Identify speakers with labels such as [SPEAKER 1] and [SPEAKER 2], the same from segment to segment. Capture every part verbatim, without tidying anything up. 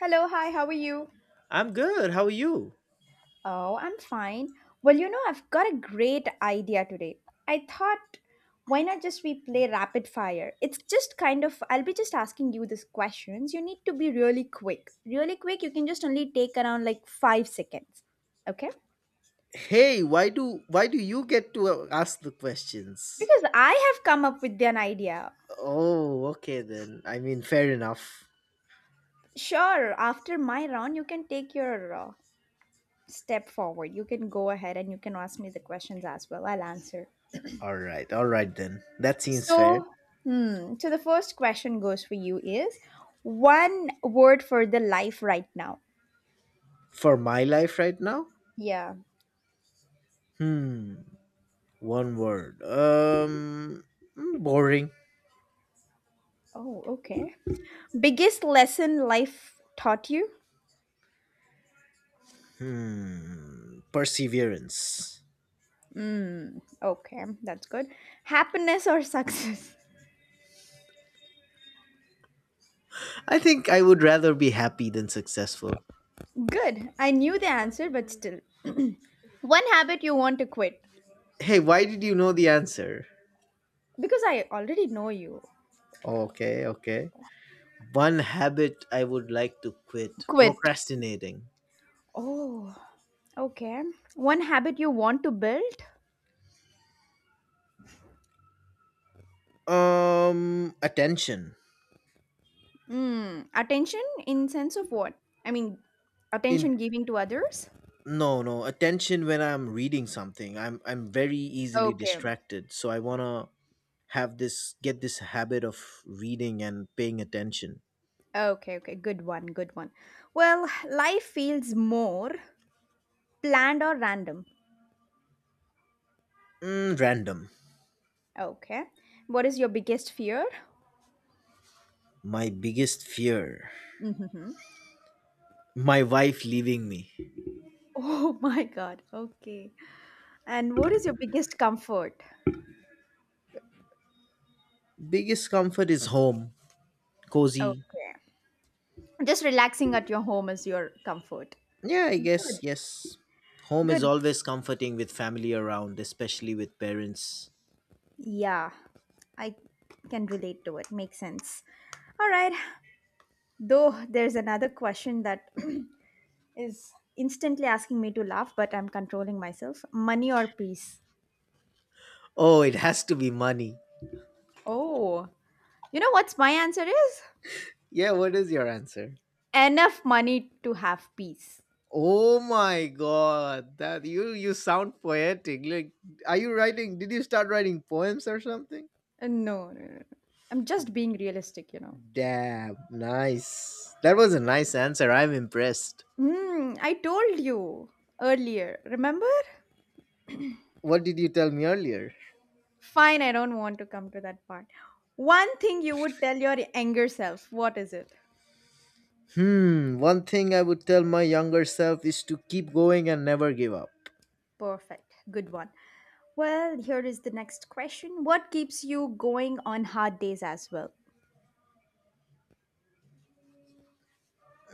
[SPEAKER 1] Hello, hi, how are you?
[SPEAKER 2] I'm good. How are you?
[SPEAKER 1] Oh, I'm fine. Well, you know, I've got a great idea today. I thought, why not just we play rapid fire? It's just kind of, I'll be just asking you these questions. You need to be really quick. Really quick, you can just only take around like five seconds. Okay?
[SPEAKER 2] Hey, why do why do you get to uh, ask the questions?
[SPEAKER 1] Because I have come up with an idea.
[SPEAKER 2] Oh, okay then. I mean, fair enough.
[SPEAKER 1] Sure, after my round, you can take your uh, step forward. You can go ahead and you can ask me the questions as well. I'll answer.
[SPEAKER 2] All right. All right then. That seems fair.
[SPEAKER 1] So, hmm, so the first question goes for you is one word for the life right now.
[SPEAKER 2] For my life right now?
[SPEAKER 1] Yeah.
[SPEAKER 2] Hmm. One word. Um mm, boring.
[SPEAKER 1] Oh, okay. Biggest lesson life taught you?
[SPEAKER 2] Hmm. Perseverance.
[SPEAKER 1] Mm, okay, that's good. Happiness or success?
[SPEAKER 2] I think I would rather be happy than successful.
[SPEAKER 1] Good. I knew the answer, but still. One habit you want to quit
[SPEAKER 2] Hey, why did you know the answer?
[SPEAKER 1] because I already know you.
[SPEAKER 2] Okay, okay. One habit I would like to quit
[SPEAKER 1] Quit.
[SPEAKER 2] procrastinating.
[SPEAKER 1] Oh, okay. One habit you want to build?
[SPEAKER 2] Um attention.
[SPEAKER 1] Mm, attention in sense of what? I mean,
[SPEAKER 2] In
[SPEAKER 1] attention giving to others?
[SPEAKER 2] no no attention. When i'm reading something, i'm i'm very easily
[SPEAKER 1] Okay.
[SPEAKER 2] distracted, so I want to have this, get this habit of reading and paying attention.
[SPEAKER 1] Okay, okay. Good one, good one. Well, life feels more planned or random.
[SPEAKER 2] Mm, random.
[SPEAKER 1] Okay. What is your biggest fear?
[SPEAKER 2] My biggest fear,
[SPEAKER 1] Hmm.
[SPEAKER 2] my wife leaving me.
[SPEAKER 1] Oh my God. Okay. And what is your biggest comfort?
[SPEAKER 2] Biggest comfort is home, cozy.
[SPEAKER 1] Okay. Just relaxing at your home is your comfort.
[SPEAKER 2] Yeah, I guess,
[SPEAKER 1] Good.
[SPEAKER 2] yes. Home is
[SPEAKER 1] Good.
[SPEAKER 2] always comforting with family around, especially with parents.
[SPEAKER 1] Yeah, I can relate to it. Makes sense. All right. Though there's another question that is instantly asking me to laugh, but I'm controlling myself. Money or peace?
[SPEAKER 2] Oh, it has to be money.
[SPEAKER 1] Oh, you know what's my answer is?
[SPEAKER 2] Yeah, what is your answer?
[SPEAKER 1] Enough money to have peace.
[SPEAKER 2] Oh my god, that you you sound poetic. Like, are you writing? Did you start writing poems or something?
[SPEAKER 1] Uh, No, no, no. I'm just being realistic, you know.
[SPEAKER 2] Damn, nice. That was a nice answer. I'm impressed.
[SPEAKER 1] Hmm, I told you earlier, remember?
[SPEAKER 2] What did you tell me earlier?
[SPEAKER 1] Fine, I don't want to come to that part. One thing you would tell your anger self, what is it?
[SPEAKER 2] Hmm, one thing I would tell my younger self is to keep going and never give up.
[SPEAKER 1] Perfect, good one. Well, here is the next question. What keeps you going on hard days as well?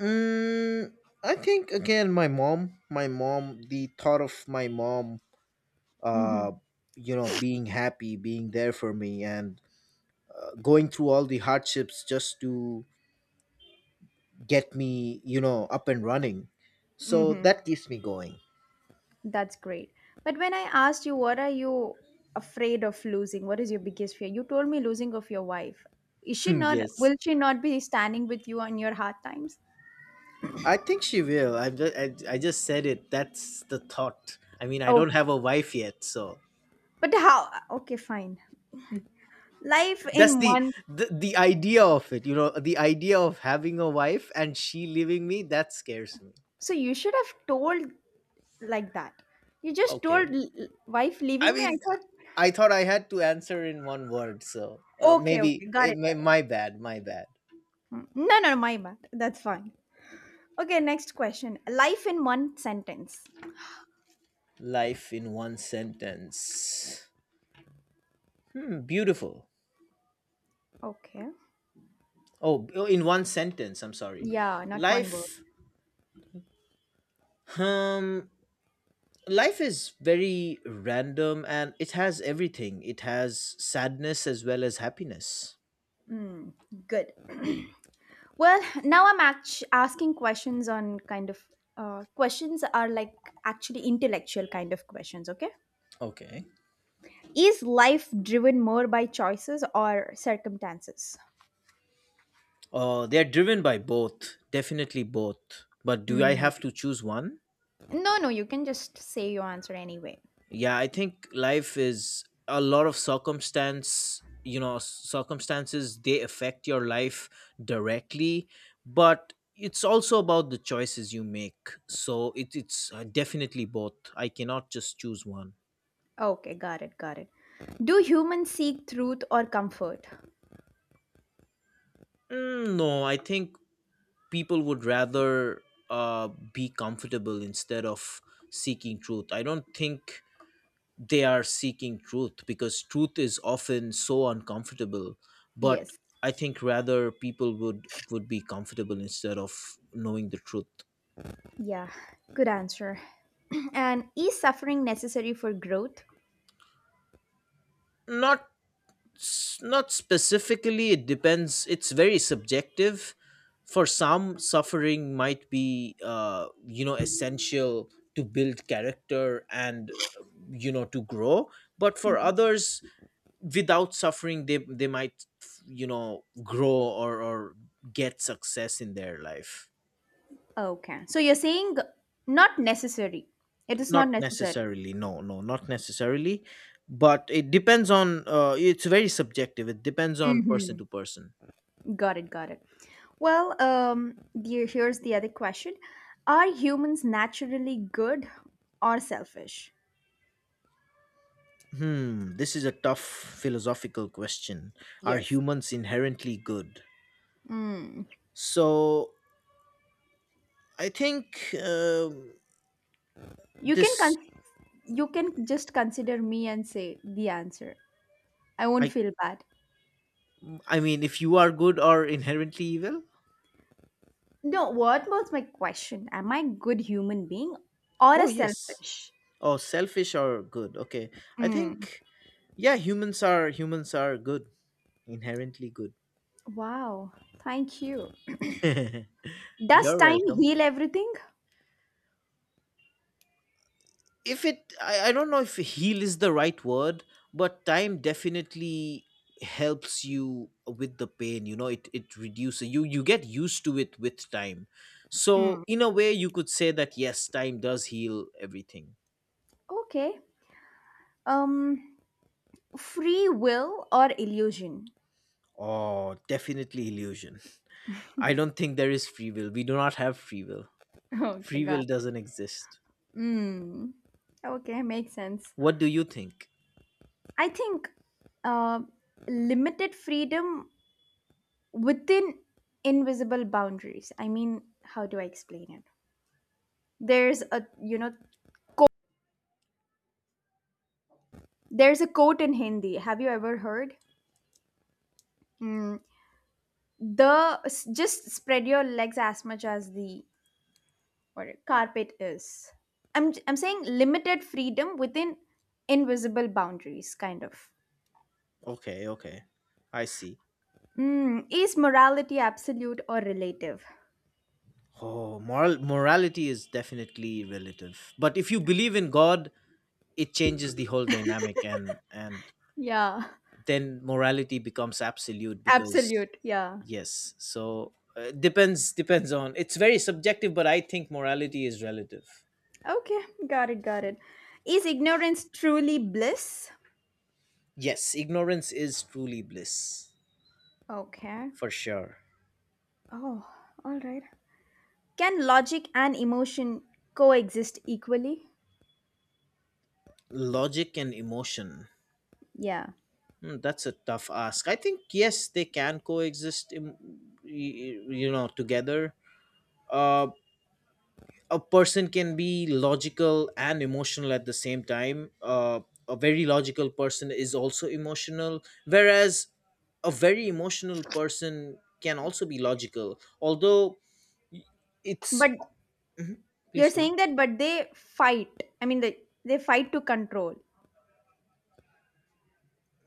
[SPEAKER 2] Mm, I think again, my mom, my mom, the thought of my mom,
[SPEAKER 1] Mhm.
[SPEAKER 2] uh, you know, being happy, being there for me, and going through all the hardships just to get me, you know, up and running. So
[SPEAKER 1] Mhm.
[SPEAKER 2] that keeps me going.
[SPEAKER 1] That's great. But when I asked you what are you afraid of losing? What is your biggest fear? You told me losing of your wife. Is she
[SPEAKER 2] Hmm,
[SPEAKER 1] not
[SPEAKER 2] yes.
[SPEAKER 1] will she not be standing with you on your hard times?
[SPEAKER 2] I think she will. I just, I, I just said it. That's the thought. I mean, I don't
[SPEAKER 1] Okay.
[SPEAKER 2] have a wife yet, so
[SPEAKER 1] But how? Okay, fine. Life
[SPEAKER 2] that's
[SPEAKER 1] in
[SPEAKER 2] the,
[SPEAKER 1] one.
[SPEAKER 2] the the idea of it. You know, the idea of having a wife and she leaving me, that scares me.
[SPEAKER 1] So you should have told like that. You just told
[SPEAKER 2] Okay.
[SPEAKER 1] l- l- wife
[SPEAKER 2] I
[SPEAKER 1] leaving me. I
[SPEAKER 2] mean,
[SPEAKER 1] thought,
[SPEAKER 2] I thought I had to answer in one word, so uh,
[SPEAKER 1] okay,
[SPEAKER 2] maybe
[SPEAKER 1] okay, got
[SPEAKER 2] it,
[SPEAKER 1] it,
[SPEAKER 2] my,
[SPEAKER 1] got it.
[SPEAKER 2] my bad, my bad.
[SPEAKER 1] Mm, No, no, no, my bad. That's fine. Okay, next question. Life in one sentence.
[SPEAKER 2] Life in one sentence. Hmm, beautiful.
[SPEAKER 1] Okay.
[SPEAKER 2] Oh, oh, in one sentence, I'm sorry.
[SPEAKER 1] Yeah, not one word.
[SPEAKER 2] Life, um, Life is very random and it has everything. It has sadness as well as happiness.
[SPEAKER 1] Mm, good. Well, now I'm act- asking questions on kind of uh, questions are like actually intellectual kind of questions. Okay.
[SPEAKER 2] Okay.
[SPEAKER 1] Is life driven more by choices or circumstances?
[SPEAKER 2] Uh, they're driven by both, definitely both. But do I
[SPEAKER 1] Mm.
[SPEAKER 2] have to choose one?
[SPEAKER 1] No, no, you can just say your answer anyway.
[SPEAKER 2] Yeah, I think life is a lot of circumstance, you know, circumstances, they affect your life directly, but it's also about the choices you make. So it, it's uh, definitely both. I cannot just choose one.
[SPEAKER 1] Okay, got it, got it. Do humans seek truth or comfort?
[SPEAKER 2] Mm, no, I think people would rather uh, be comfortable instead of seeking truth. I don't think they are seeking truth because truth is often so uncomfortable, but
[SPEAKER 1] Yes.
[SPEAKER 2] I think rather people would would be comfortable instead of knowing the truth.
[SPEAKER 1] Yeah, good answer. And is suffering necessary for growth?
[SPEAKER 2] Not s- Not specifically. It depends. It's very subjective. For some, suffering might be uh you know, essential to build character and uh, you know, to grow. But for others, without suffering, they they might, you know, grow or or get success in their life.
[SPEAKER 1] Okay. So you're saying not necessary. It is
[SPEAKER 2] Not
[SPEAKER 1] not necessary.
[SPEAKER 2] necessarily. No no not necessarily. But it depends on, uh, it's very subjective. It depends on person
[SPEAKER 1] Mhm.
[SPEAKER 2] to person.
[SPEAKER 1] Got it, got it. Well, um, the- here's the other question. Are humans naturally good or selfish?
[SPEAKER 2] Hmm, this is a tough philosophical question. Are
[SPEAKER 1] Yes.
[SPEAKER 2] humans inherently good?
[SPEAKER 1] Mm.
[SPEAKER 2] so I think um
[SPEAKER 1] You can
[SPEAKER 2] this
[SPEAKER 1] con- you can just consider me and say the answer. I won't
[SPEAKER 2] i
[SPEAKER 1] feel bad.
[SPEAKER 2] I mean, if you are good or inherently evil.
[SPEAKER 1] No, what was my question? Am I good human being or a
[SPEAKER 2] Oh, yes.
[SPEAKER 1] selfish?
[SPEAKER 2] Oh, selfish or good. Okay. I
[SPEAKER 1] Mm,
[SPEAKER 2] think yeah, humans are, humans are good, inherently good.
[SPEAKER 1] wow, thank you. Does
[SPEAKER 2] You're
[SPEAKER 1] time
[SPEAKER 2] welcome.
[SPEAKER 1] heal everything?
[SPEAKER 2] If it I, I don't know if heal is the right word, but time definitely helps you with the pain. You know, it it reduces you you get used to it with time. So
[SPEAKER 1] Mm.
[SPEAKER 2] in a way you could say that yes, time does heal everything.
[SPEAKER 1] Okay. Um, free will or illusion?
[SPEAKER 2] Oh, definitely illusion. I don't think there is free will. We do not have free will.
[SPEAKER 1] Okay,
[SPEAKER 2] Free
[SPEAKER 1] God.
[SPEAKER 2] will doesn't exist.
[SPEAKER 1] Hmm. Okay, makes sense.
[SPEAKER 2] What do you think?
[SPEAKER 1] I think uh, limited freedom within invisible boundaries. I mean, how do I explain it? There's a you know there's a quote in Hindi. Have you ever heard? Mm, the s- just spread your legs as much as the or carpet is. I'm I'm saying limited freedom within invisible boundaries, kind of.
[SPEAKER 2] Okay, okay. I see.
[SPEAKER 1] Mm, is morality absolute or relative?
[SPEAKER 2] Oh, moral morality is definitely relative. But if you believe in God, it changes the whole dynamic and and
[SPEAKER 1] Yeah,
[SPEAKER 2] then morality becomes absolute because
[SPEAKER 1] absolute. Yeah.
[SPEAKER 2] yes. So uh, depends depends on. It's very subjective, but I think morality is relative.
[SPEAKER 1] Okay, got it, got it. Is ignorance truly bliss?
[SPEAKER 2] Yes, ignorance is truly bliss,
[SPEAKER 1] Okay.
[SPEAKER 2] for sure.
[SPEAKER 1] Oh, all right. Can logic and emotion coexist equally?
[SPEAKER 2] Logic and emotion.
[SPEAKER 1] Yeah.
[SPEAKER 2] Mm, that's a tough ask. I think yes, they can coexist, im- y- you know, together. Uh, a person can be logical and emotional at the same time. Uh, a very logical person is also emotional, whereas a very emotional person can also be logical. Although y- it's
[SPEAKER 1] But
[SPEAKER 2] Mhm.
[SPEAKER 1] you're
[SPEAKER 2] Please go on.
[SPEAKER 1] saying that, but they fight. I mean, they, they fight to control.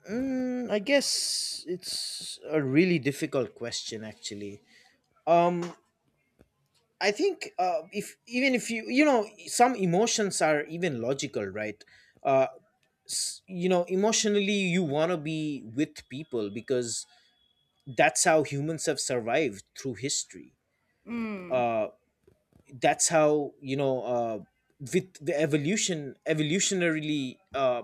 [SPEAKER 2] Mm, I guess it's a really difficult question, actually. Um, I think uh, if even if you, you know, some emotions are even logical, right? Uh, s- you know, emotionally you want to be with people because that's how humans have survived through history.
[SPEAKER 1] Mm,
[SPEAKER 2] Uh, that's how, you know, uh, with the evolution evolutionarily, uh,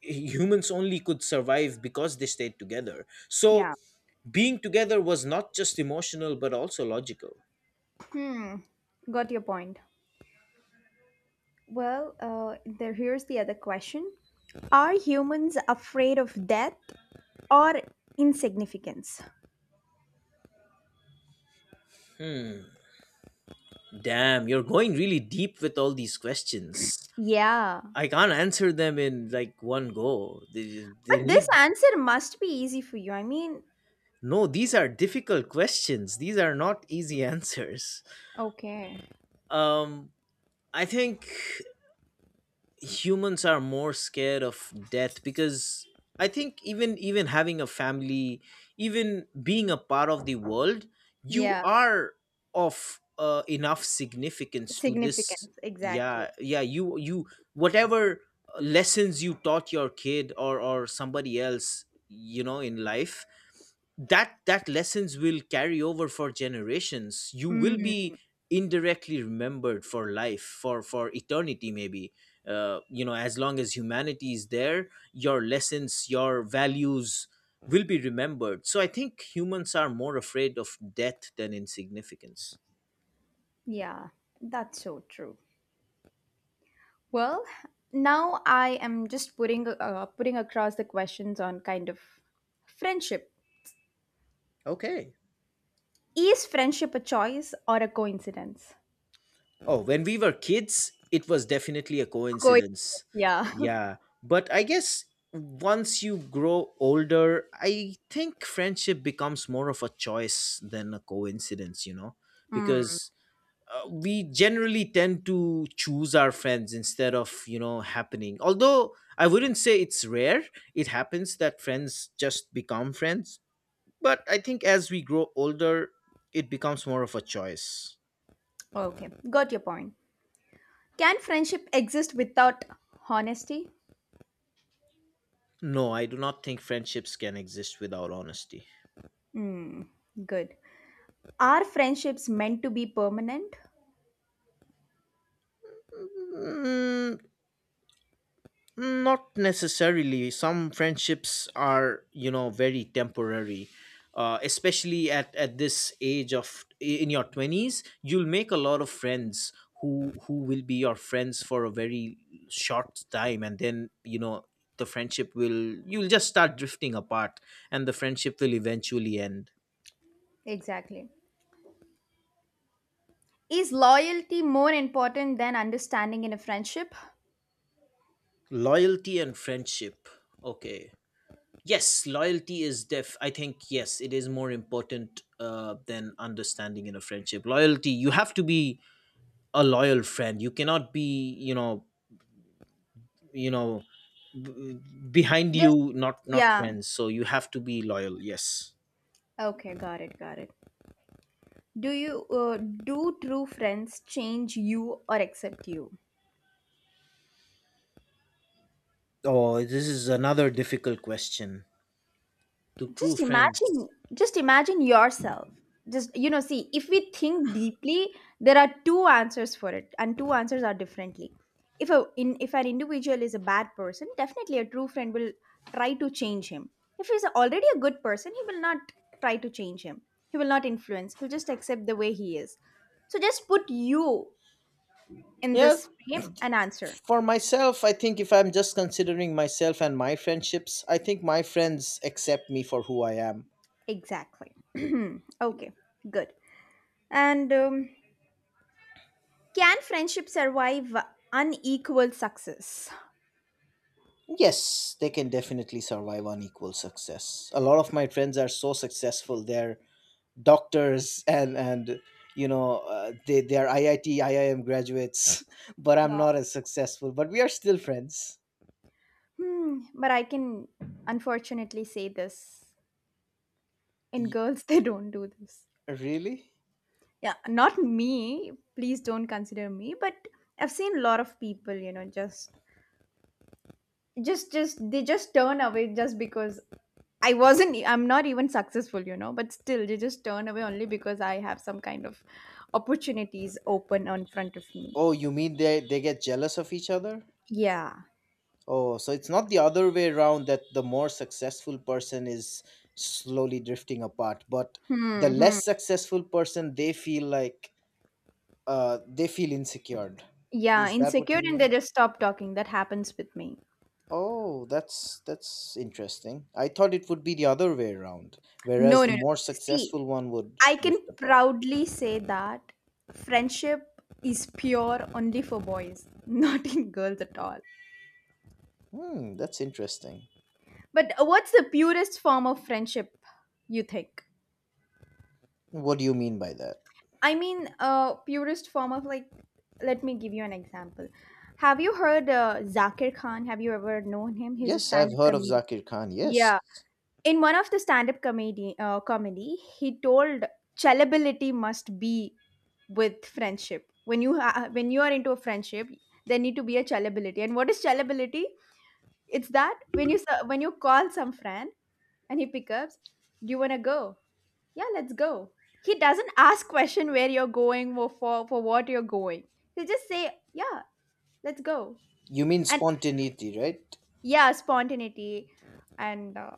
[SPEAKER 2] humans only could survive because they stayed together. So
[SPEAKER 1] yeah.
[SPEAKER 2] being together was not just emotional but also logical.
[SPEAKER 1] Hmm, got your point. Well, uh, there, here's the other question. Are humans afraid of death or insignificance?
[SPEAKER 2] Hmm. Damn, you're going really deep with all these questions.
[SPEAKER 1] Yeah.
[SPEAKER 2] I can't answer them in like one go. They, they
[SPEAKER 1] But this
[SPEAKER 2] need
[SPEAKER 1] answer must be easy for you. I mean,
[SPEAKER 2] no. These are difficult questions. These are not easy answers.
[SPEAKER 1] okay.
[SPEAKER 2] Um, I think humans are more scared of death because I think even even having a family, even being a part of the world, you
[SPEAKER 1] Yeah,
[SPEAKER 2] are of uh, enough significance to this.
[SPEAKER 1] significance, exactly.
[SPEAKER 2] Yeah, yeah. You you whatever lessons you taught your kid or or somebody else, you know, in life, that, that lessons will carry over for generations. You will
[SPEAKER 1] Mm,
[SPEAKER 2] be indirectly remembered for life, for for eternity maybe. Uh, you know, as long as humanity is there, your lessons, your values will be remembered. So I think humans are more afraid of death than insignificance.
[SPEAKER 1] yeah, that's so true. Well, now I am just putting uh, putting across the questions on kind of friendship.
[SPEAKER 2] Okay.
[SPEAKER 1] Is friendship a choice or a coincidence?
[SPEAKER 2] Oh, when we were kids, it was definitely a coincidence.
[SPEAKER 1] Coincidence, yeah.
[SPEAKER 2] Yeah, but I guess once you grow older, I think friendship becomes more of a choice than a coincidence, you know,
[SPEAKER 1] Mm,
[SPEAKER 2] because uh, we generally tend to choose our friends instead of, you know, happening. Although I wouldn't say it's rare. It happens that friends just become friends, but I think as we grow older, it becomes more of a choice.
[SPEAKER 1] okay, got your point. Can friendship exist without honesty?
[SPEAKER 2] No, I do not think friendships can exist without honesty.
[SPEAKER 1] Mm, good. Are friendships meant to be permanent?
[SPEAKER 2] Mm, not necessarily. Some friendships are, you know, very temporary. Uh, especially at, at this age of, in your twenties, you'll make a lot of friends who who will be your friends for a very short time and then, you know, the friendship will, you'll just start drifting apart and the friendship will eventually end.
[SPEAKER 1] Exactly. Is loyalty more important than understanding in a friendship?
[SPEAKER 2] Loyalty and friendship, okay. Yes, loyalty is def. I think yes, it is more important uh, than understanding in a friendship. Loyalty, you have to be a loyal friend. You cannot be, you know, you know, b- behind
[SPEAKER 1] Just
[SPEAKER 2] you, not, not
[SPEAKER 1] yeah.
[SPEAKER 2] friends. So you have to be loyal. Yes.
[SPEAKER 1] Okay, got it, got it. Do you uh, do true friends change you or accept you?
[SPEAKER 2] Oh, this is another difficult question. To true
[SPEAKER 1] Just
[SPEAKER 2] friends.
[SPEAKER 1] imagine, just imagine yourself, just you know see if we think deeply there are two answers for it and two answers are differently. If a in if an individual is a bad person, definitely a true friend will try to change him. If he's already a good person he will not try to change him, he will not influence, he'll just accept the way he is. So just put you in
[SPEAKER 2] Yeah,
[SPEAKER 1] this frame and answer.
[SPEAKER 2] for myself, I think if I'm just considering myself and my friendships, I think my friends accept me for who I am.
[SPEAKER 1] Exactly. Okay, good. And um, can friendship survive unequal success?
[SPEAKER 2] Yes, they can definitely survive on equal success. A lot of my friends are so successful. They're doctors and and you know, uh, they they are I I T I I M graduates, but I'm
[SPEAKER 1] Wow.
[SPEAKER 2] not as successful. But we are still friends.
[SPEAKER 1] Hmm, but I can unfortunately say this. In
[SPEAKER 2] Y-
[SPEAKER 1] girls, they don't do this.
[SPEAKER 2] Really?
[SPEAKER 1] Yeah, not me. Please don't consider me. But I've seen a lot of people, you know, just, just, just, they just turn away just because I wasn't, I'm not even successful, you know, but still they just turn away only because I have some kind of opportunities open in front of me.
[SPEAKER 2] Oh, you mean they they get jealous of each other?
[SPEAKER 1] Yeah.
[SPEAKER 2] Oh, so it's not the other way around that the more successful person is slowly drifting apart, but the
[SPEAKER 1] Hmm. Hmm.
[SPEAKER 2] less successful person, they feel like, uh, they feel insecure.
[SPEAKER 1] Yeah,
[SPEAKER 2] Is that what
[SPEAKER 1] insecure
[SPEAKER 2] you
[SPEAKER 1] and
[SPEAKER 2] mean?
[SPEAKER 1] they just stop talking. That happens with me.
[SPEAKER 2] Oh, that's that's interesting. I thought it would be the other way around, whereas
[SPEAKER 1] No,
[SPEAKER 2] the
[SPEAKER 1] no, no.
[SPEAKER 2] more
[SPEAKER 1] See,
[SPEAKER 2] successful one would
[SPEAKER 1] I can
[SPEAKER 2] drift apart.
[SPEAKER 1] proudly say that friendship is pure only for boys, not in girls at all.
[SPEAKER 2] Hmm, that's interesting.
[SPEAKER 1] But what's the purest form of friendship you think?
[SPEAKER 2] What do you mean by that?
[SPEAKER 1] I mean, uh, purest form of like, let me give you an example. Have you heard uh, Zakir Khan? Have you ever known him? He's a
[SPEAKER 2] Yes, I've
[SPEAKER 1] stand up
[SPEAKER 2] heard of
[SPEAKER 1] comedian.
[SPEAKER 2] Zakir Khan. Yes.
[SPEAKER 1] Yeah, in one of the stand-up comedy uh, comedy he told chalability must be with friendship. When you ha- when you are into a friendship there need to be a chalability. And what is chalability? It's that when you s- when you call some friend and he picks up, do you want to go, yeah let's go. He doesn't ask question where you're going or for for what you're going. He just say yeah, let's go.
[SPEAKER 2] You mean
[SPEAKER 1] And
[SPEAKER 2] spontaneity, right?
[SPEAKER 1] yeah, spontaneity. And uh,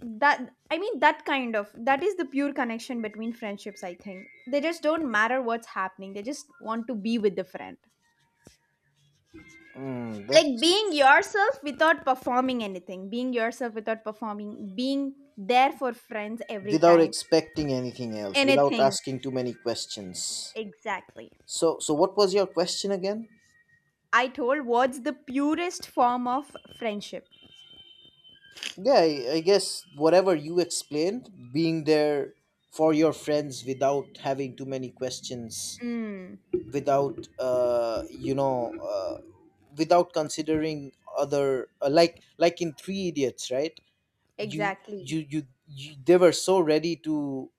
[SPEAKER 1] that I mean that kind of that is the pure connection between friendships. I think they just don't matter what's happening, they just want to be with the friend,
[SPEAKER 2] Hmm,
[SPEAKER 1] like
[SPEAKER 2] that's
[SPEAKER 1] being yourself without performing anything, being yourself without performing, being there for friends every
[SPEAKER 2] without
[SPEAKER 1] time,
[SPEAKER 2] expecting anything else, without
[SPEAKER 1] anything
[SPEAKER 2] asking too many questions.
[SPEAKER 1] exactly.
[SPEAKER 2] So so what was your question again?
[SPEAKER 1] I told what's the purest form of friendship.
[SPEAKER 2] Yeah, I, I guess whatever you explained, being there for your friends without having too many questions,
[SPEAKER 1] Mm,
[SPEAKER 2] without uh, you know, uh, without considering other, uh, like like in Three Idiots, right? You,
[SPEAKER 1] exactly.
[SPEAKER 2] you you you they were so ready to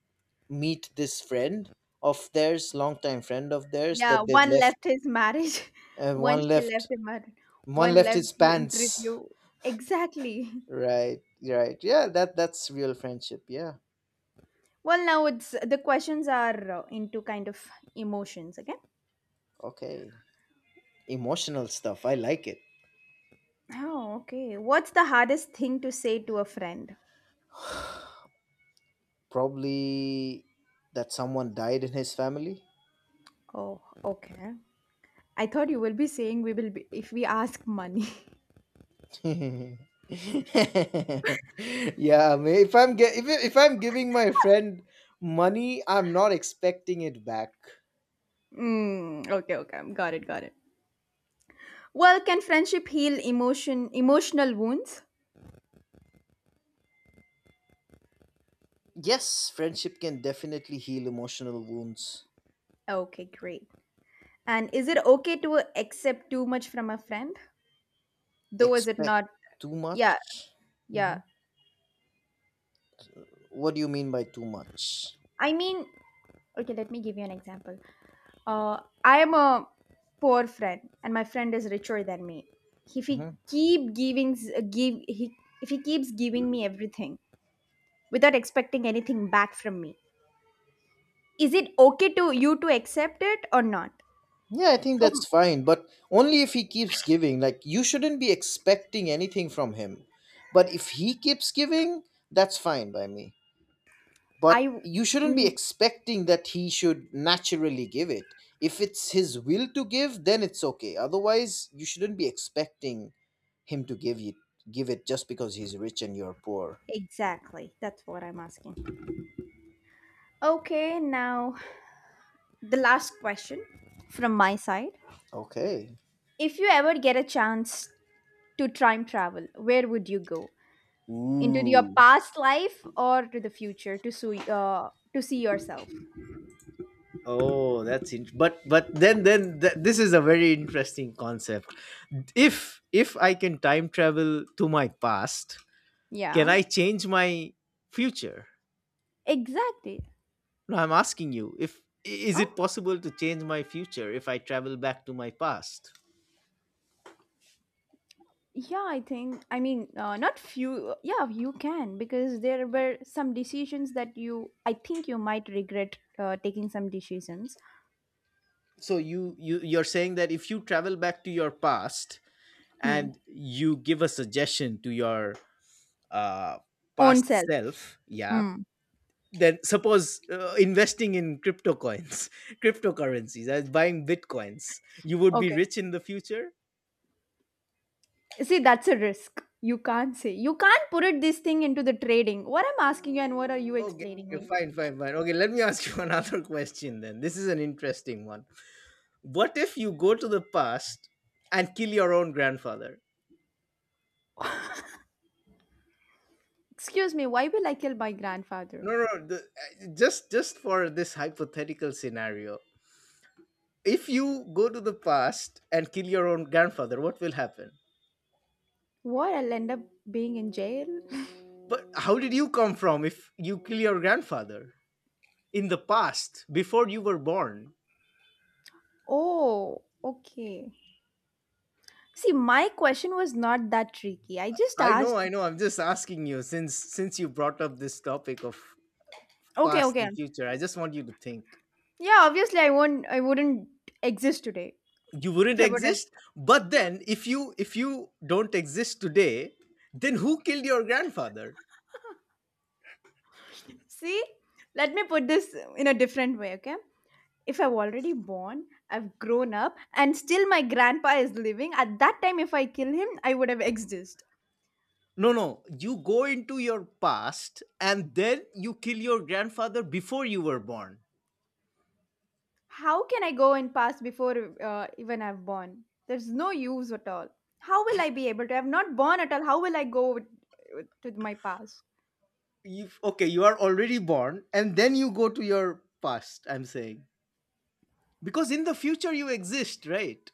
[SPEAKER 2] meet this friend of theirs, longtime friend of theirs,
[SPEAKER 1] Yeah,
[SPEAKER 2] that they
[SPEAKER 1] one
[SPEAKER 2] left.
[SPEAKER 1] left his marriage.
[SPEAKER 2] Uh,
[SPEAKER 1] One
[SPEAKER 2] one
[SPEAKER 1] she
[SPEAKER 2] left.
[SPEAKER 1] left him,
[SPEAKER 2] One
[SPEAKER 1] one
[SPEAKER 2] left
[SPEAKER 1] left
[SPEAKER 2] his
[SPEAKER 1] the
[SPEAKER 2] pants.
[SPEAKER 1] interview, exactly.
[SPEAKER 2] Right. Right. Yeah. That that's real friendship. Yeah.
[SPEAKER 1] Well, now it's the questions are uh, into kind of emotions again.
[SPEAKER 2] Okay. Emotional stuff. I like it.
[SPEAKER 1] Oh, okay. What's the hardest thing to say to a friend?
[SPEAKER 2] Probably that someone died in his family.
[SPEAKER 1] Oh, okay. I thought you will be saying we will be if we ask money.
[SPEAKER 2] Yeah, ma- if I'm ge- if, if I'm giving my friend money, I'm not expecting it back.
[SPEAKER 1] Mm, okay, okay. Got it, got it. Well, can friendship heal emotion emotional wounds?
[SPEAKER 2] Yes, friendship can definitely heal emotional wounds.
[SPEAKER 1] Okay, great. And is it okay to accept too much from a friend? Though is it
[SPEAKER 2] Expect
[SPEAKER 1] not?
[SPEAKER 2] too
[SPEAKER 1] Yeah,
[SPEAKER 2] much.
[SPEAKER 1] yeah.
[SPEAKER 2] Mhm. What do you mean by too much?
[SPEAKER 1] I mean, okay, let me give you an example. Uh, I am a poor friend, and my friend is richer than me. If he
[SPEAKER 2] Mm-hmm.
[SPEAKER 1] keep giving, s- give he if he keeps giving me everything without expecting anything back from me, is it okay to you to accept it or not?
[SPEAKER 2] Yeah, I think
[SPEAKER 1] So
[SPEAKER 2] that's fine, but only if he keeps giving. Like, you shouldn't be expecting anything from him. But if he keeps giving, that's fine by me.
[SPEAKER 1] I
[SPEAKER 2] But you shouldn't be
[SPEAKER 1] mm,
[SPEAKER 2] expecting that he should naturally give it. If it's his will to give, then it's okay. Otherwise, you shouldn't be expecting him to give you give it just because he's rich and you're poor.
[SPEAKER 1] exactly that's what I'm asking. Okay, now the last question from my side:
[SPEAKER 2] Okay.
[SPEAKER 1] if you ever get a chance to time travel, where would you go? Into your
[SPEAKER 2] Ooh.
[SPEAKER 1] past life or to the future to see uh, to see yourself.
[SPEAKER 2] Oh, that's int- but but then then th- this is a very interesting concept. If if I can time travel to my past, can
[SPEAKER 1] Yeah.
[SPEAKER 2] I change my future?
[SPEAKER 1] Exactly.
[SPEAKER 2] No, I'm asking you if i- is it
[SPEAKER 1] Oh,
[SPEAKER 2] possible to change my future if I travel back to my past?
[SPEAKER 1] yeah, I think. I mean, uh, not few. Yeah, you can because there were some decisions that you. I think you might regret uh, taking some decisions.
[SPEAKER 2] So you you you're saying that if you travel back to your past
[SPEAKER 1] Hmm.
[SPEAKER 2] and you give a suggestion to your uh
[SPEAKER 1] Own
[SPEAKER 2] past
[SPEAKER 1] self.
[SPEAKER 2] self, yeah,
[SPEAKER 1] Hmm.
[SPEAKER 2] then suppose uh, investing in crypto coins cryptocurrencies as buying bitcoins you would be
[SPEAKER 1] Okay.
[SPEAKER 2] rich in the future.
[SPEAKER 1] See, that's a risk. You can't say. You can't put it this thing into the trading. What I'm asking you and what are you
[SPEAKER 2] Okay,
[SPEAKER 1] explaining
[SPEAKER 2] okay,
[SPEAKER 1] me?
[SPEAKER 2] fine fine fine okay, let me ask you another question then. This is an interesting one. What if you go to the past and kill your own grandfather?
[SPEAKER 1] Excuse me. Why will I kill my grandfather?
[SPEAKER 2] No no no, the, uh, just just for this hypothetical scenario, if you go to the past and kill your own grandfather, what will happen?
[SPEAKER 1] What? I'll end up being in jail.
[SPEAKER 2] But how did you come from if you kill your grandfather in the past before you were born?
[SPEAKER 1] Oh, okay. See, my question was not that tricky. I just
[SPEAKER 2] I know,
[SPEAKER 1] asked.
[SPEAKER 2] I know. I'm just asking you since since you brought up this topic of
[SPEAKER 1] Okay,
[SPEAKER 2] past
[SPEAKER 1] okay.
[SPEAKER 2] and future. I just want you to think.
[SPEAKER 1] Yeah, obviously I won't I wouldn't exist today
[SPEAKER 2] You
[SPEAKER 1] if
[SPEAKER 2] wouldn't
[SPEAKER 1] I would have.
[SPEAKER 2] exist, but
[SPEAKER 1] Yeah.
[SPEAKER 2] then if you if you don't exist today, then who killed your grandfather?
[SPEAKER 1] See? Let me put this in a different way, okay? If I've already born, I've grown up, and still my grandpa is living, at that time if I kill him, I would have existed.
[SPEAKER 2] No, no. You go into your past and then you kill your grandfather before you were born.
[SPEAKER 1] How can I go and pass before uh, even I've born? There's no use at all. How will I be able to? I've not born at all. How will I go with, with, to my past?
[SPEAKER 2] You okay, you are already born and then you go to your past, I'm saying. Because in the future you exist, right?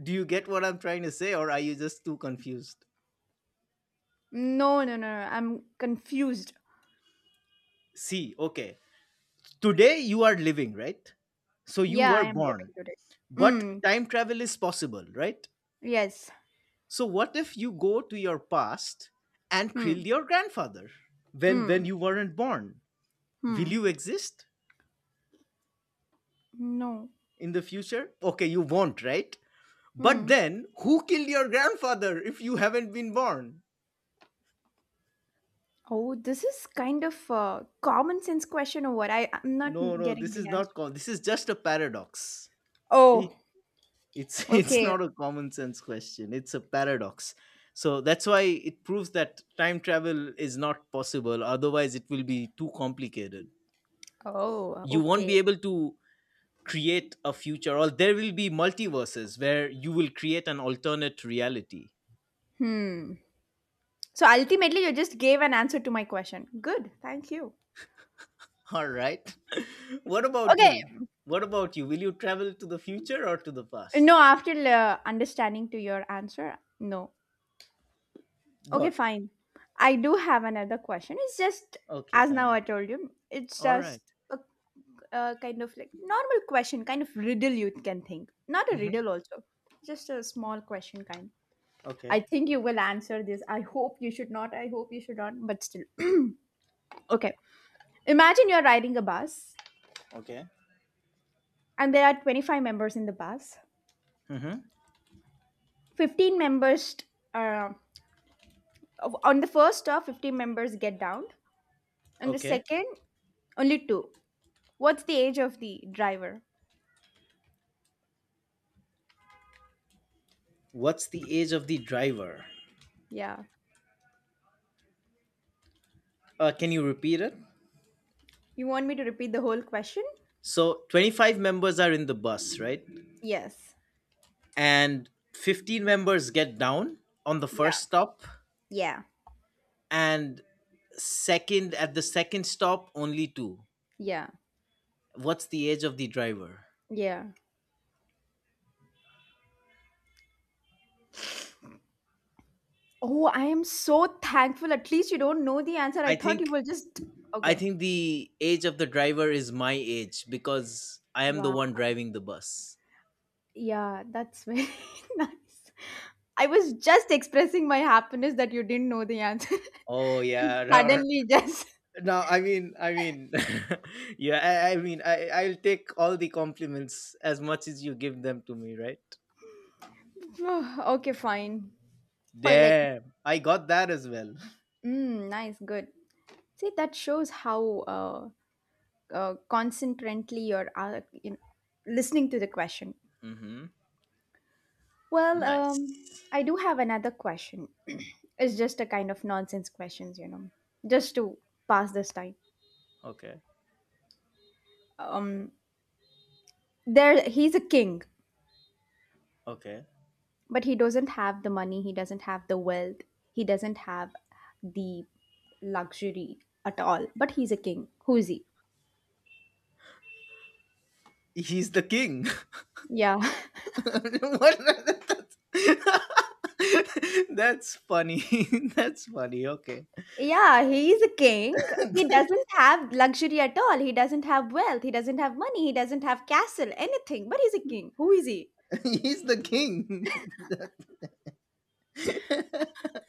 [SPEAKER 2] Do you get what I'm trying to say, or are you just too confused?
[SPEAKER 1] No, no, no, no. I'm confused.
[SPEAKER 2] See, okay. Today you are living, right? So you
[SPEAKER 1] Yeah,
[SPEAKER 2] were
[SPEAKER 1] I am living
[SPEAKER 2] born,
[SPEAKER 1] today.
[SPEAKER 2] but
[SPEAKER 1] Hmm.
[SPEAKER 2] time travel is possible, right?
[SPEAKER 1] Yes.
[SPEAKER 2] So what if you go to your past and kill
[SPEAKER 1] Hmm.
[SPEAKER 2] your grandfather when when
[SPEAKER 1] Hmm.
[SPEAKER 2] you weren't born? Will
[SPEAKER 1] Hmm.
[SPEAKER 2] you exist
[SPEAKER 1] No.
[SPEAKER 2] in the future? Okay, you won't, right? But
[SPEAKER 1] Hmm.
[SPEAKER 2] then who killed your grandfather if you haven't been born?
[SPEAKER 1] Oh, this is kind of a common sense question or what? I, I'm not
[SPEAKER 2] No, no,
[SPEAKER 1] getting
[SPEAKER 2] this is
[SPEAKER 1] the answer.
[SPEAKER 2] not called. This is just a paradox. E,
[SPEAKER 1] Oh,
[SPEAKER 2] it's it's
[SPEAKER 1] okay.
[SPEAKER 2] not a common sense question, it's a paradox, so that's why it proves that time travel is not possible, otherwise it will be too complicated.
[SPEAKER 1] Oh,
[SPEAKER 2] You won't
[SPEAKER 1] okay.
[SPEAKER 2] be able to create a future, or there will be multiverses where you will create an alternate reality.
[SPEAKER 1] Hmm. So ultimately, you just gave an answer to my question. Good. Thank you.
[SPEAKER 2] All right. What about you?
[SPEAKER 1] Okay.
[SPEAKER 2] What about you, will you travel to the future or to the past?
[SPEAKER 1] No, after uh, understanding to your answer, no. Okay,
[SPEAKER 2] What?
[SPEAKER 1] fine. I do have another question. It's just
[SPEAKER 2] Okay,
[SPEAKER 1] as now
[SPEAKER 2] fine.
[SPEAKER 1] I told you, it's
[SPEAKER 2] All right.
[SPEAKER 1] just a, a kind of like normal question, kind of riddle you can think. Not a
[SPEAKER 2] Mm-hmm.
[SPEAKER 1] riddle, also, just a small question kind.
[SPEAKER 2] Okay.
[SPEAKER 1] I think you will answer this. I hope you should not. I hope you should not, but still. Okay. Imagine you're riding a bus
[SPEAKER 2] Okay.
[SPEAKER 1] and there are twenty-five members in the bus.
[SPEAKER 2] Mm-hmm.
[SPEAKER 1] fifteen members, uh, of- on the first stop fifteen members get down. On the
[SPEAKER 2] Okay.
[SPEAKER 1] second, only two. What's the age of the driver?
[SPEAKER 2] What's the age of the driver?
[SPEAKER 1] Yeah.
[SPEAKER 2] Uh, can you repeat it?
[SPEAKER 1] You want me to repeat the whole question?
[SPEAKER 2] So twenty-five members are in the bus, right?
[SPEAKER 1] Yes.
[SPEAKER 2] And fifteen members get down on the
[SPEAKER 1] Yeah.
[SPEAKER 2] first stop
[SPEAKER 1] Yeah.
[SPEAKER 2] and second at the second stop only two.
[SPEAKER 1] Yeah.
[SPEAKER 2] What's the age of the driver?
[SPEAKER 1] Yeah. Oh, I am so thankful at least you don't know the answer. I
[SPEAKER 2] I
[SPEAKER 1] thought you
[SPEAKER 2] think
[SPEAKER 1] will just,
[SPEAKER 2] I
[SPEAKER 1] okay.
[SPEAKER 2] think the age of the driver is my age because I am the
[SPEAKER 1] Wow.
[SPEAKER 2] one driving the bus.
[SPEAKER 1] Yeah, that's very nice. I was just expressing my happiness that you didn't know the answer,
[SPEAKER 2] Oh
[SPEAKER 1] and
[SPEAKER 2] yeah, no,
[SPEAKER 1] suddenly just,
[SPEAKER 2] no I mean, I mean, yeah, I, I mean, I I'll take all the compliments as much as you give them to me, right?
[SPEAKER 1] okay, fine. Oh, let,
[SPEAKER 2] Damn, I got that as well.
[SPEAKER 1] mm, nice, good. See, that shows how uh, uh, concentrantly you're, uh, you know, listening to the question.
[SPEAKER 2] Mm-hmm.
[SPEAKER 1] Well,
[SPEAKER 2] Nice.
[SPEAKER 1] um, I do have another question. It's just a kind of nonsense questions, you know, just to pass this time.
[SPEAKER 2] Okay.
[SPEAKER 1] Um, there, he's a king,
[SPEAKER 2] Okay.
[SPEAKER 1] but he doesn't have the money. He doesn't have the wealth. He doesn't have the luxury at all. But he's a king. Who is he?
[SPEAKER 2] He's the king.
[SPEAKER 1] Yeah.
[SPEAKER 2] What? That's funny. That's funny. Okay.
[SPEAKER 1] Yeah, he is a king. He doesn't have luxury at all. He doesn't have wealth. He doesn't have money. He doesn't have castle, anything. But he's a king. Who is he?
[SPEAKER 2] He's the king.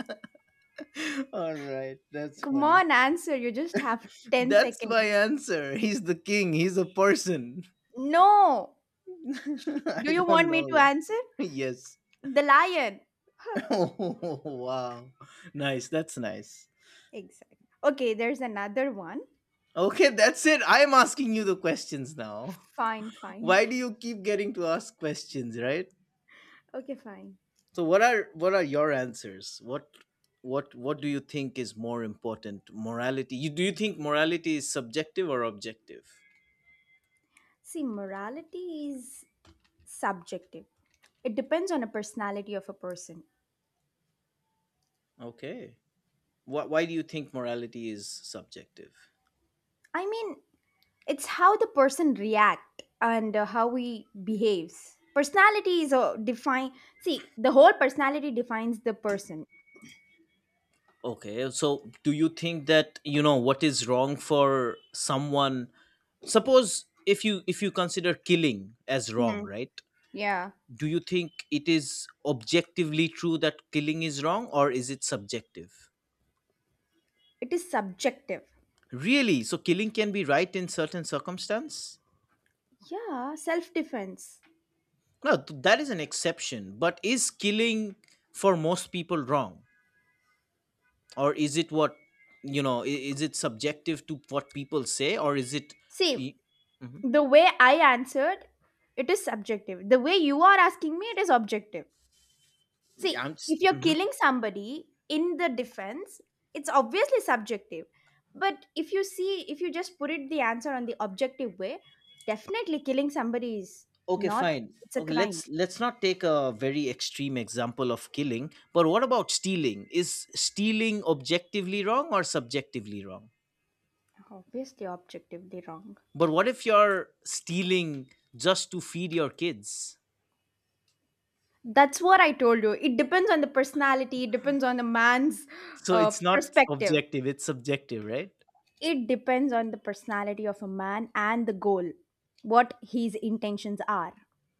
[SPEAKER 2] All right. That's
[SPEAKER 1] Come
[SPEAKER 2] funny.
[SPEAKER 1] on, answer. You just have ten
[SPEAKER 2] That's my
[SPEAKER 1] seconds.
[SPEAKER 2] answer. He's the king. He's a person.
[SPEAKER 1] No. Sh- Do
[SPEAKER 2] I
[SPEAKER 1] you
[SPEAKER 2] don't
[SPEAKER 1] want me
[SPEAKER 2] know
[SPEAKER 1] to
[SPEAKER 2] that.
[SPEAKER 1] answer?
[SPEAKER 2] Yes.
[SPEAKER 1] The lion.
[SPEAKER 2] Oh, wow. Nice. That's nice.
[SPEAKER 1] Exactly. Okay, there's another one.
[SPEAKER 2] Okay, that's it. I'm asking you the questions now.
[SPEAKER 1] Fine, fine.
[SPEAKER 2] Why do you keep getting to ask questions, right?
[SPEAKER 1] Okay, fine.
[SPEAKER 2] So what are what are your answers? What what what do you think is more important? Morality. You do you think morality is subjective or objective?
[SPEAKER 1] See, morality is subjective. It depends on the personality of a person.
[SPEAKER 2] Okay. Why why do you think morality is subjective?
[SPEAKER 1] I mean, it's how the person react and uh, how he behaves, personality is uh, define. See, the whole personality defines the person.
[SPEAKER 2] Okay, so do you think that you know what is wrong for someone? Suppose if you if you consider killing as wrong,
[SPEAKER 1] Mhm.
[SPEAKER 2] right?
[SPEAKER 1] Yeah,
[SPEAKER 2] Do you think it is objectively true that killing is wrong or is it subjective?
[SPEAKER 1] it is subjective.
[SPEAKER 2] Really, so killing can be right in certain circumstance?
[SPEAKER 1] Yeah, self defense.
[SPEAKER 2] No, th- that is an exception, but is killing for most people wrong, or is it what, you know, i- is it subjective to what people say, or is it y-
[SPEAKER 1] See,
[SPEAKER 2] mhm.
[SPEAKER 1] the way I answered, it is subjective. The way you are asking me, it is objective.
[SPEAKER 2] Yeah,
[SPEAKER 1] See,
[SPEAKER 2] I'm just.
[SPEAKER 1] if you're
[SPEAKER 2] Mm-hmm.
[SPEAKER 1] killing somebody in the defense, it's obviously subjective. But if you see, if you just put it the answer on the objective way, definitely killing somebody is
[SPEAKER 2] Okay,
[SPEAKER 1] not,
[SPEAKER 2] fine.
[SPEAKER 1] it's a
[SPEAKER 2] Okay,
[SPEAKER 1] crime.
[SPEAKER 2] let's let's not take a very extreme example of killing, but what about stealing? Is stealing objectively wrong or subjectively wrong?
[SPEAKER 1] Obviously, objectively wrong.
[SPEAKER 2] But what if you're stealing just to feed your kids?
[SPEAKER 1] That's what I told you. It depends on the personality, it depends on the man's
[SPEAKER 2] So
[SPEAKER 1] uh,
[SPEAKER 2] it's not
[SPEAKER 1] perspective.
[SPEAKER 2] objective, it's subjective, right?
[SPEAKER 1] It depends on the personality of a man and the goal, what his intentions are.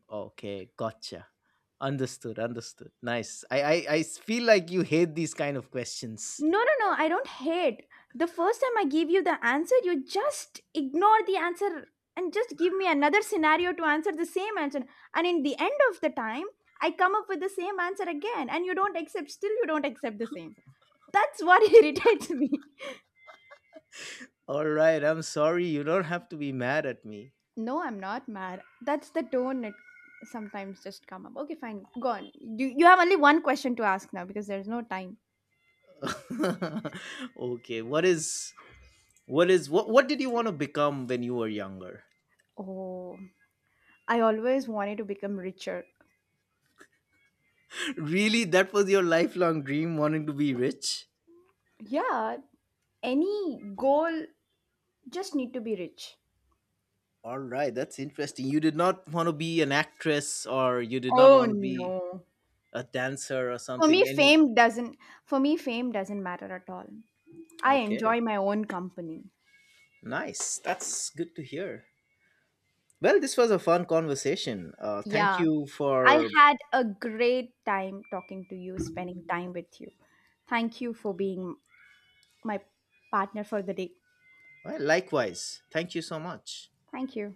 [SPEAKER 2] Okay, gotcha. Understood, understood. Nice. i i, I s- feel like you hate these kind of questions.
[SPEAKER 1] No, no, no, I don't hate. The first time I give you the answer, you just ignore the answer and just give me another scenario to answer the same answer. And in the end of the time, I come up with the same answer again and you don't accept, still you don't accept the same. That's what irritates me.
[SPEAKER 2] All right, I'm sorry, you don't have to be mad at me.
[SPEAKER 1] No, I'm not mad. That's the tone it sometimes just come up. Okay, fine. Go on. You, you have only one question to ask now because there's no time.
[SPEAKER 2] okay what is What is what what did you want to become when you were younger?
[SPEAKER 1] Oh, I always wanted to become richer.
[SPEAKER 2] Really, that was your lifelong dream, wanting to be rich?
[SPEAKER 1] Yeah, any goal, just need to be rich.
[SPEAKER 2] All right, that's interesting. You did not want to be an actress, or you did not
[SPEAKER 1] Oh
[SPEAKER 2] want to be
[SPEAKER 1] no.
[SPEAKER 2] a dancer or
[SPEAKER 1] For me,
[SPEAKER 2] something, any—
[SPEAKER 1] fame doesn't. For me, fame doesn't matter at all. I
[SPEAKER 2] Okay.
[SPEAKER 1] enjoy my own company.
[SPEAKER 2] Nice. That's good to hear. Well, this was a fun conversation. Uh, thank
[SPEAKER 1] Yeah,
[SPEAKER 2] you
[SPEAKER 1] I
[SPEAKER 2] for—
[SPEAKER 1] had a great time talking to you, spending time with you. Thank you for being my partner for the day.
[SPEAKER 2] well, likewise. Thank you so much.
[SPEAKER 1] Thank you.